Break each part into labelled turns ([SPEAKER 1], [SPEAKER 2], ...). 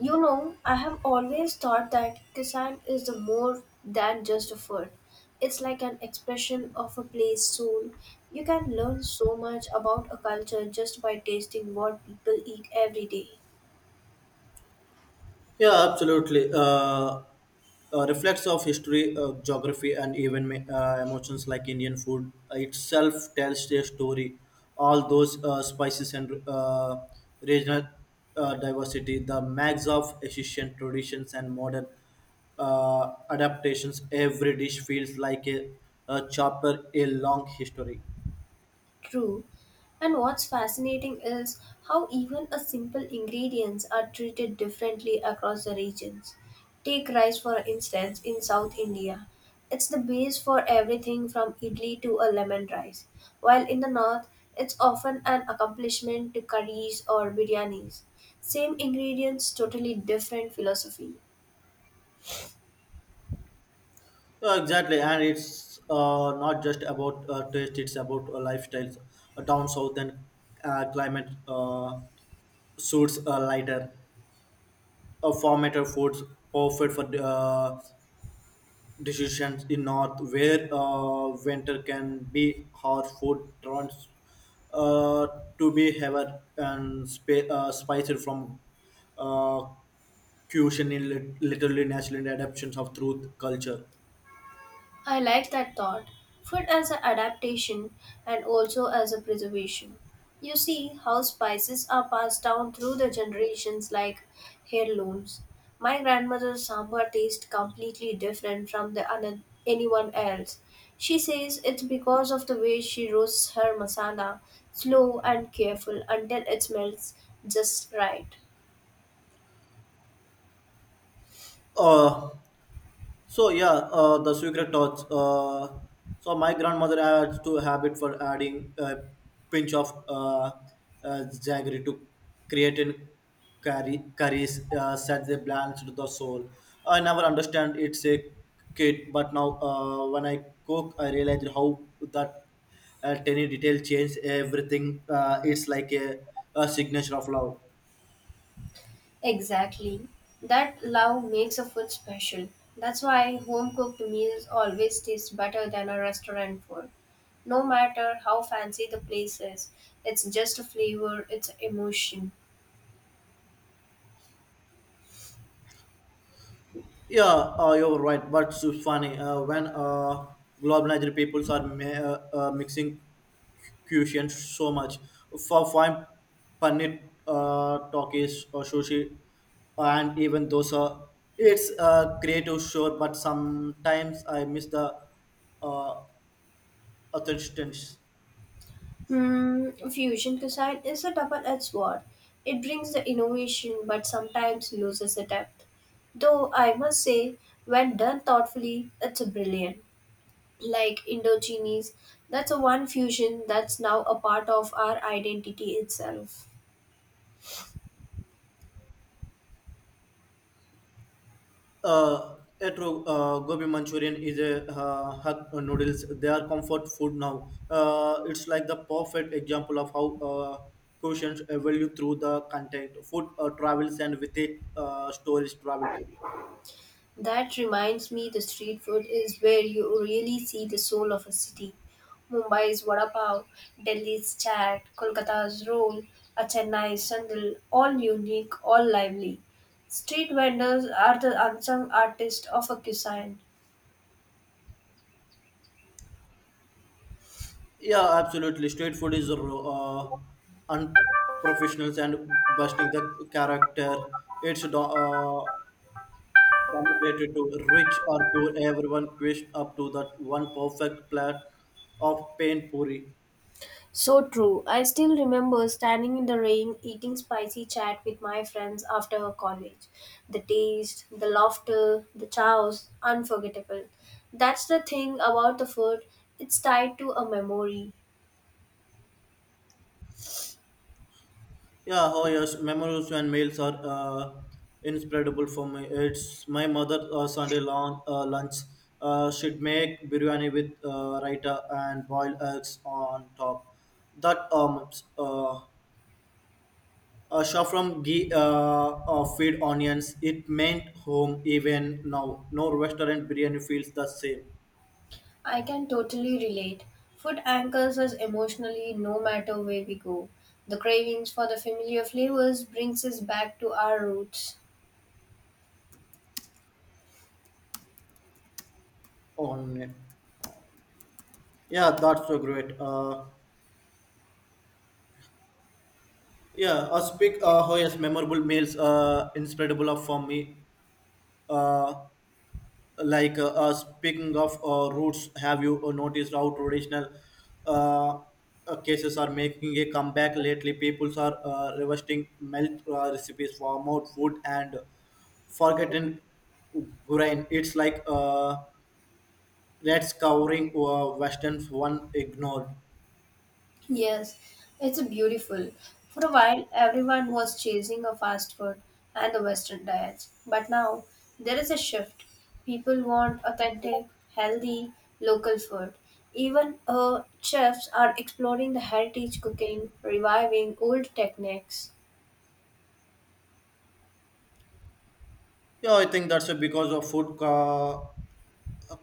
[SPEAKER 1] You know, I have always thought that design is the more than just a food. It's like an expression of a place soul. You can learn so much about a culture just by tasting what people eat every day.
[SPEAKER 2] Yeah, absolutely. Reflects of history, geography, and even emotions like Indian food itself tells their story. All those spices and regional diversity, the mix of Asian traditions and modern adaptations, every dish feels like a chapter, a long history.
[SPEAKER 1] True. And what's fascinating is how even a simple ingredients are treated differently across the regions. Take rice for instance in South India. It's the base for everything from idli to a lemon rice. While in the north, it's often an accomplishment to curries or biryanis. Same ingredients, totally different philosophy.
[SPEAKER 2] Exactly, and it's not just about taste; it's about lifestyles. Down south and climate suits lighter, formatter foods offered for decisions in north, where winter can be hard. Food turns uh, to be heavier and spiced from uh, cuisine in literally natural adaptations of truth culture.
[SPEAKER 1] I like that thought. Food as an adaptation and also as a preservation. You see how spices are passed down through the generations like heirlooms. My grandmother's sambar tastes completely different from anyone else. She says it's because of the way she roasts her masala, slow and careful until it smells just right.
[SPEAKER 2] Uh, So yeah, the secret touch. So my grandmother had to habit for adding a pinch of jaggery to create in curry. Curries said they balanced the soul. I never understand it's a kid, but now when I cook, I realize how that tiny detail changes everything. It's like a signature of love.
[SPEAKER 1] Exactly. That love makes a food special. That's why home cooked meals always taste better than a restaurant food. No matter how fancy the place is, it's just a flavor, it's emotion.
[SPEAKER 2] Yeah, you're right. But it's funny when globalized peoples are mixing cuisines so much. For fine paneer, Takis or sushi, and even dosa, it's creative, sure. But sometimes I miss the uh, authenticity.
[SPEAKER 1] Hmm, fusion cuisine is a double edged sword. It brings the innovation but sometimes loses the depth. Though I must say, when done thoughtfully, it's brilliant. Like Indochines. That's a one fusion that's now a part of our identity itself.
[SPEAKER 2] Uh, a Gobi Manchurian is a hot noodles. They are comfort food now. It's like the perfect example of how quotients value through the content. Food travels and with it, stories travel too.
[SPEAKER 1] That reminds me the street food is where you really see the soul of a city. Mumbai's vada pav, Delhi's chaat, Kolkata's roll, a Chennai's sandal, all unique, all lively. Street vendors are the unsung artists of a cuisine.
[SPEAKER 2] Yeah, absolutely. Street food is unprofessional and busting the character. It's dominated to rich or poor. Everyone queues up to that one perfect plate of pain puri.
[SPEAKER 1] So true. I still remember standing in the rain eating spicy chat with my friends after college. The taste, the laughter, the chows, unforgettable. That's the thing about the food, it's tied to a memory.
[SPEAKER 2] Yeah, oh yes, memories and meals are inseparable for me. It's my mother Sunday long lunch. She'd make biryani with raita and boiled eggs on top. That uh, from ghee feed onions. It meant home even now. No restaurant biryani feels the same
[SPEAKER 1] I can totally relate. Food anchors us emotionally no matter where we go. The cravings for the familiar flavors brings us back to our roots.
[SPEAKER 2] on it. Yeah, that's so great. Yeah, I speak. Oh yes, memorable meals. Inseparable for me. Uh, Speaking of roots, have you noticed how traditional uh, cases are making a comeback? Lately people are revisiting melt recipes for more food and forgotten grain. It's like rats covering western one ignored.
[SPEAKER 1] Yes, it's beautiful. For a while, everyone was chasing a fast food and the Western diets, but now there is a shift. People want authentic, healthy, local food. Even chefs are exploring the heritage cooking, reviving old techniques.
[SPEAKER 2] Yeah, I think that's because of food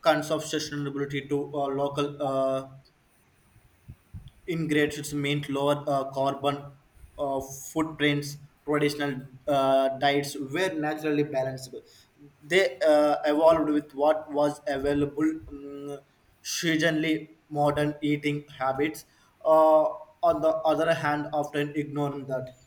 [SPEAKER 2] conservation sustainability to local ingredients meant lower carbon footprints. Traditional diets were naturally balanced. They evolved with what was available. Seasonally, modern eating habits, uh, on the other hand, often ignore that.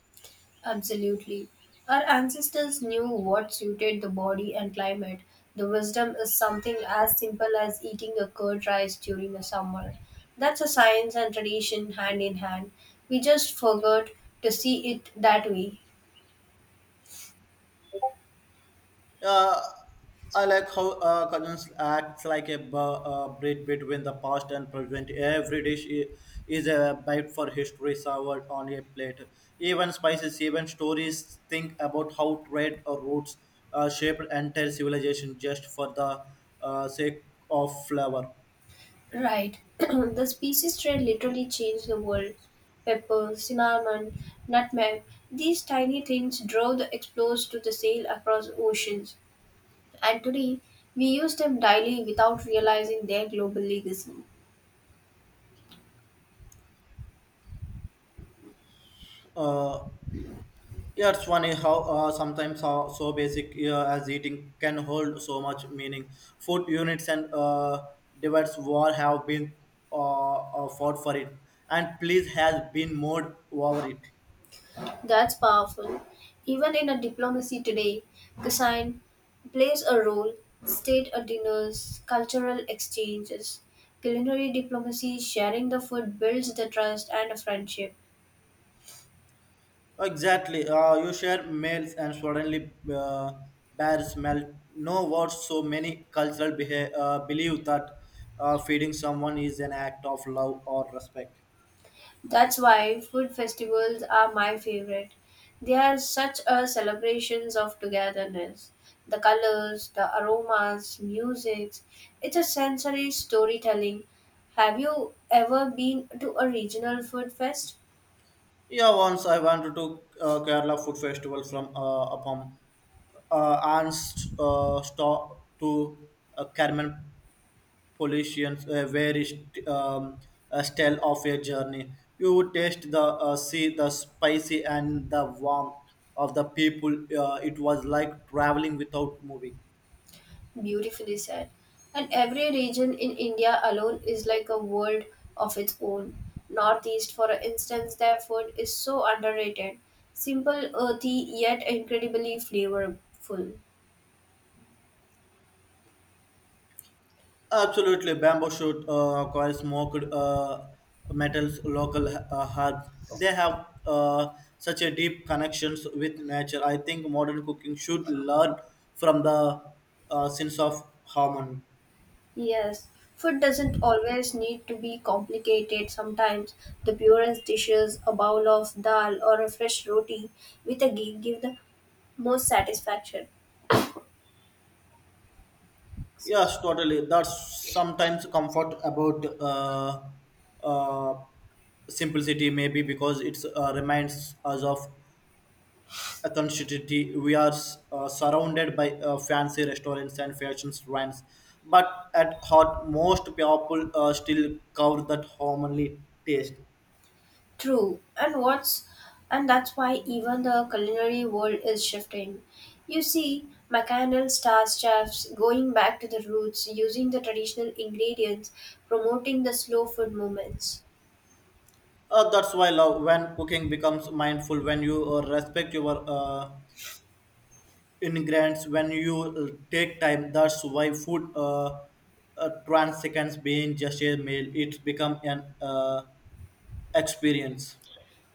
[SPEAKER 1] Absolutely. Our ancestors knew what suited the body and climate. The wisdom is something as simple as eating a curd rice during the summer. That's a science and tradition hand in hand. We just forgot to see it that way.
[SPEAKER 2] Uh, I like how Cousins acts like bridge between the past and present. Every is a bite for history served on a plate. Even spices, even stories, think about how trade or roots shaped entire civilization just for the sake of flavor.
[SPEAKER 1] Right. The species trade literally changed the world. Pepper, cinnamon, nutmeg, these tiny things drove the explorers to the sail across oceans. And today, we use them daily without realizing their global legacy.
[SPEAKER 2] Uh, Yeah, it's funny how sometimes how so basic as eating can hold so much meaning. Food units and divides, war have been fought for it, and police has been moved over it.
[SPEAKER 1] That's powerful. Even in a diplomacy today, Kassan plays a role. State dinners, cultural exchanges, culinary diplomacy, sharing the food builds the trust and friendship.
[SPEAKER 2] Exactly. You share meals and suddenly bad smell. No words. So many cultural believe that feeding someone is an act of love or respect.
[SPEAKER 1] That's why food festivals are my favorite. They are such a celebrations of togetherness. The colors, the aromas, music, it's a sensory storytelling. Have you ever been to a regional food fest?
[SPEAKER 2] Yeah, once I went to Kerala Food Festival from Appam to Carmen Polisians, a a tale of a journey. You would taste the see the spicy and the warmth of the people. It was like traveling without moving.
[SPEAKER 1] Beautifully said. And every region in India alone is like a world of its own. Northeast, for instance, their food is so underrated. Simple, earthy, yet incredibly flavorful.
[SPEAKER 2] Absolutely, bamboo shoot coil smoked metals, local herbs. They have such a deep connections with nature. I think modern cooking should learn from the sense of harmony.
[SPEAKER 1] Yes, food doesn't always need to be complicated. Sometimes the purest dishes, a bowl of dal or a fresh roti with a ghee give the most satisfaction.
[SPEAKER 2] Yes, totally. That's sometimes comfort about uh, simplicity, maybe because it reminds us of a constituency. We are surrounded by fancy restaurants and fashion brands, but at heart, most people still cover that homely taste.
[SPEAKER 1] True. And that's why even the culinary world is shifting. You see, McCandle star chefs going back to the roots, using the traditional ingredients, promoting the slow food movements.
[SPEAKER 2] That's why love when cooking becomes mindful, when you respect your ingredients, when you take time. That's why food trans being just a meal, it's become an experience.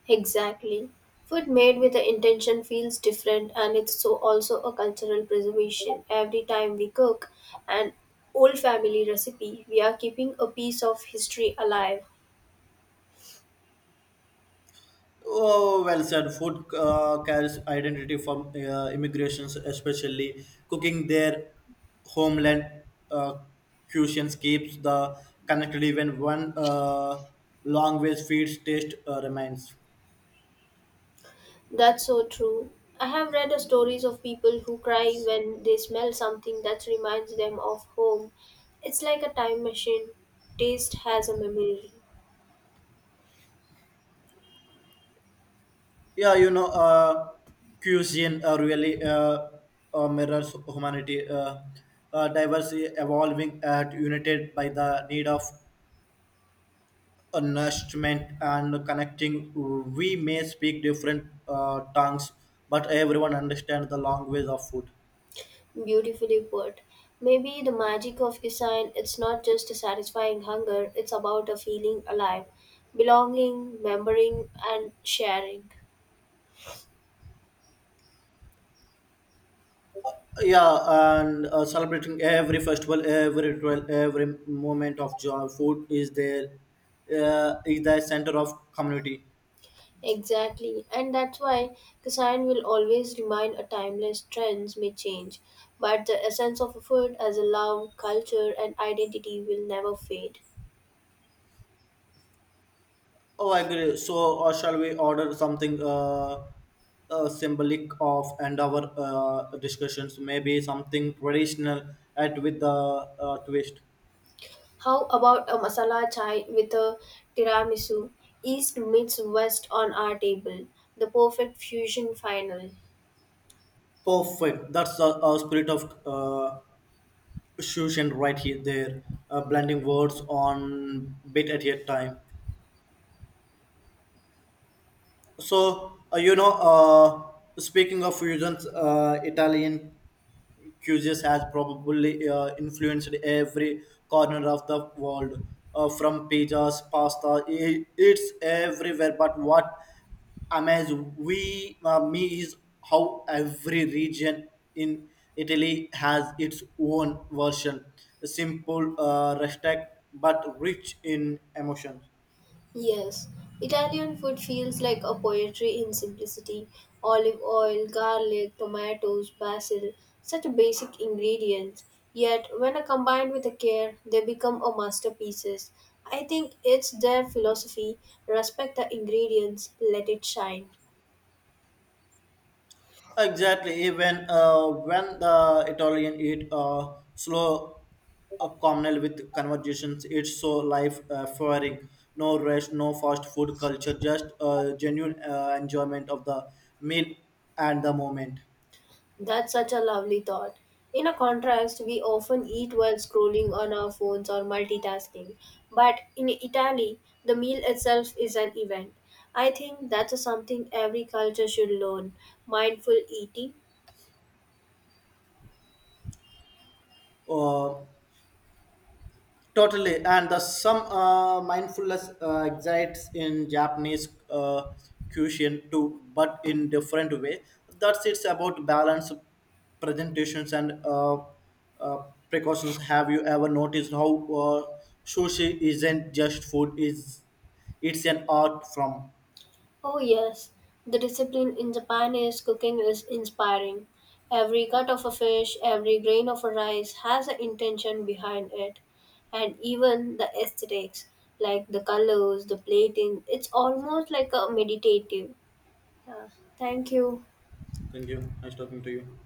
[SPEAKER 1] Exactly. Food made with the intention feels different and it's so also a cultural preservation. Every time we cook an old family recipe, we are keeping a piece of history alive.
[SPEAKER 2] Oh, well said. Food carries identity from immigrations, especially cooking their homeland uh, cuisines keeps the connected even one language feeds taste remains.
[SPEAKER 1] That's so true. I have read the stories of people who cry when they smell something that reminds them of home. It's like a time machine. Taste has a memory.
[SPEAKER 2] Yeah, you know, cuisine really mirrors humanity. Diversity evolving at united by the need of nourishment and connecting. We may speak different tongues, but everyone understands the language of food.
[SPEAKER 1] Beautifully put. Maybe the magic of design it's not just a satisfying hunger, it's about a feeling alive, belonging, remembering and sharing.
[SPEAKER 2] Yeah, and celebrating every festival, every ritual, every moment of joy. Food is there, is the center of community.
[SPEAKER 1] Exactly. And that's why cuisine will always remain a timeless trends may change, but the essence of a food as a love, culture and identity will never fade.
[SPEAKER 2] Oh, I agree. So, or shall we order something symbolic of and our discussions? Maybe something traditional, at with the twist.
[SPEAKER 1] How about a masala chai with a tiramisu? East meets West on our table. The perfect fusion final.
[SPEAKER 2] Perfect. That's the spirit of fusion right here. There, blending words on bit at a time. So you know, speaking of fusions, Italian cuisine has probably influenced every corner of the world, from pizzas, pasta. I It's everywhere. But what amazes we me is how every region in Italy has its own version, simple, rustic, but rich in emotion.
[SPEAKER 1] Yes, Italian food feels like a poetry in simplicity. Olive oil, garlic, tomatoes, basil, such basic ingredients. Yet, when are combined with a care, they become a masterpieces. I think it's their philosophy respect the ingredients, let it shine.
[SPEAKER 2] Exactly. Even when the Italian eat slow communal with conversations, it's so life affirming. No rush, no fast food culture, just genuine enjoyment of the meal and the moment.
[SPEAKER 1] That's such a lovely thought. In a contrast, we often eat while scrolling on our phones or multitasking. But in Italy, the meal itself is an event. I think that's something every culture should learn mindful eating.
[SPEAKER 2] Uh, Totally, and the some mindfulness exists in Japanese cuisine too, but in different way. That's it's about balance, presentations, and uh, precautions. Have you ever noticed how sushi isn't just food; is it's an art from?
[SPEAKER 1] Oh, yes, the discipline in Japanese cooking is inspiring. Every cut of a fish, every grain of a rice has an intention behind it, and even the aesthetics, like the colors, the plating, it's almost like a meditative. Yeah. Thank you.
[SPEAKER 2] Thank you. Nice talking to you.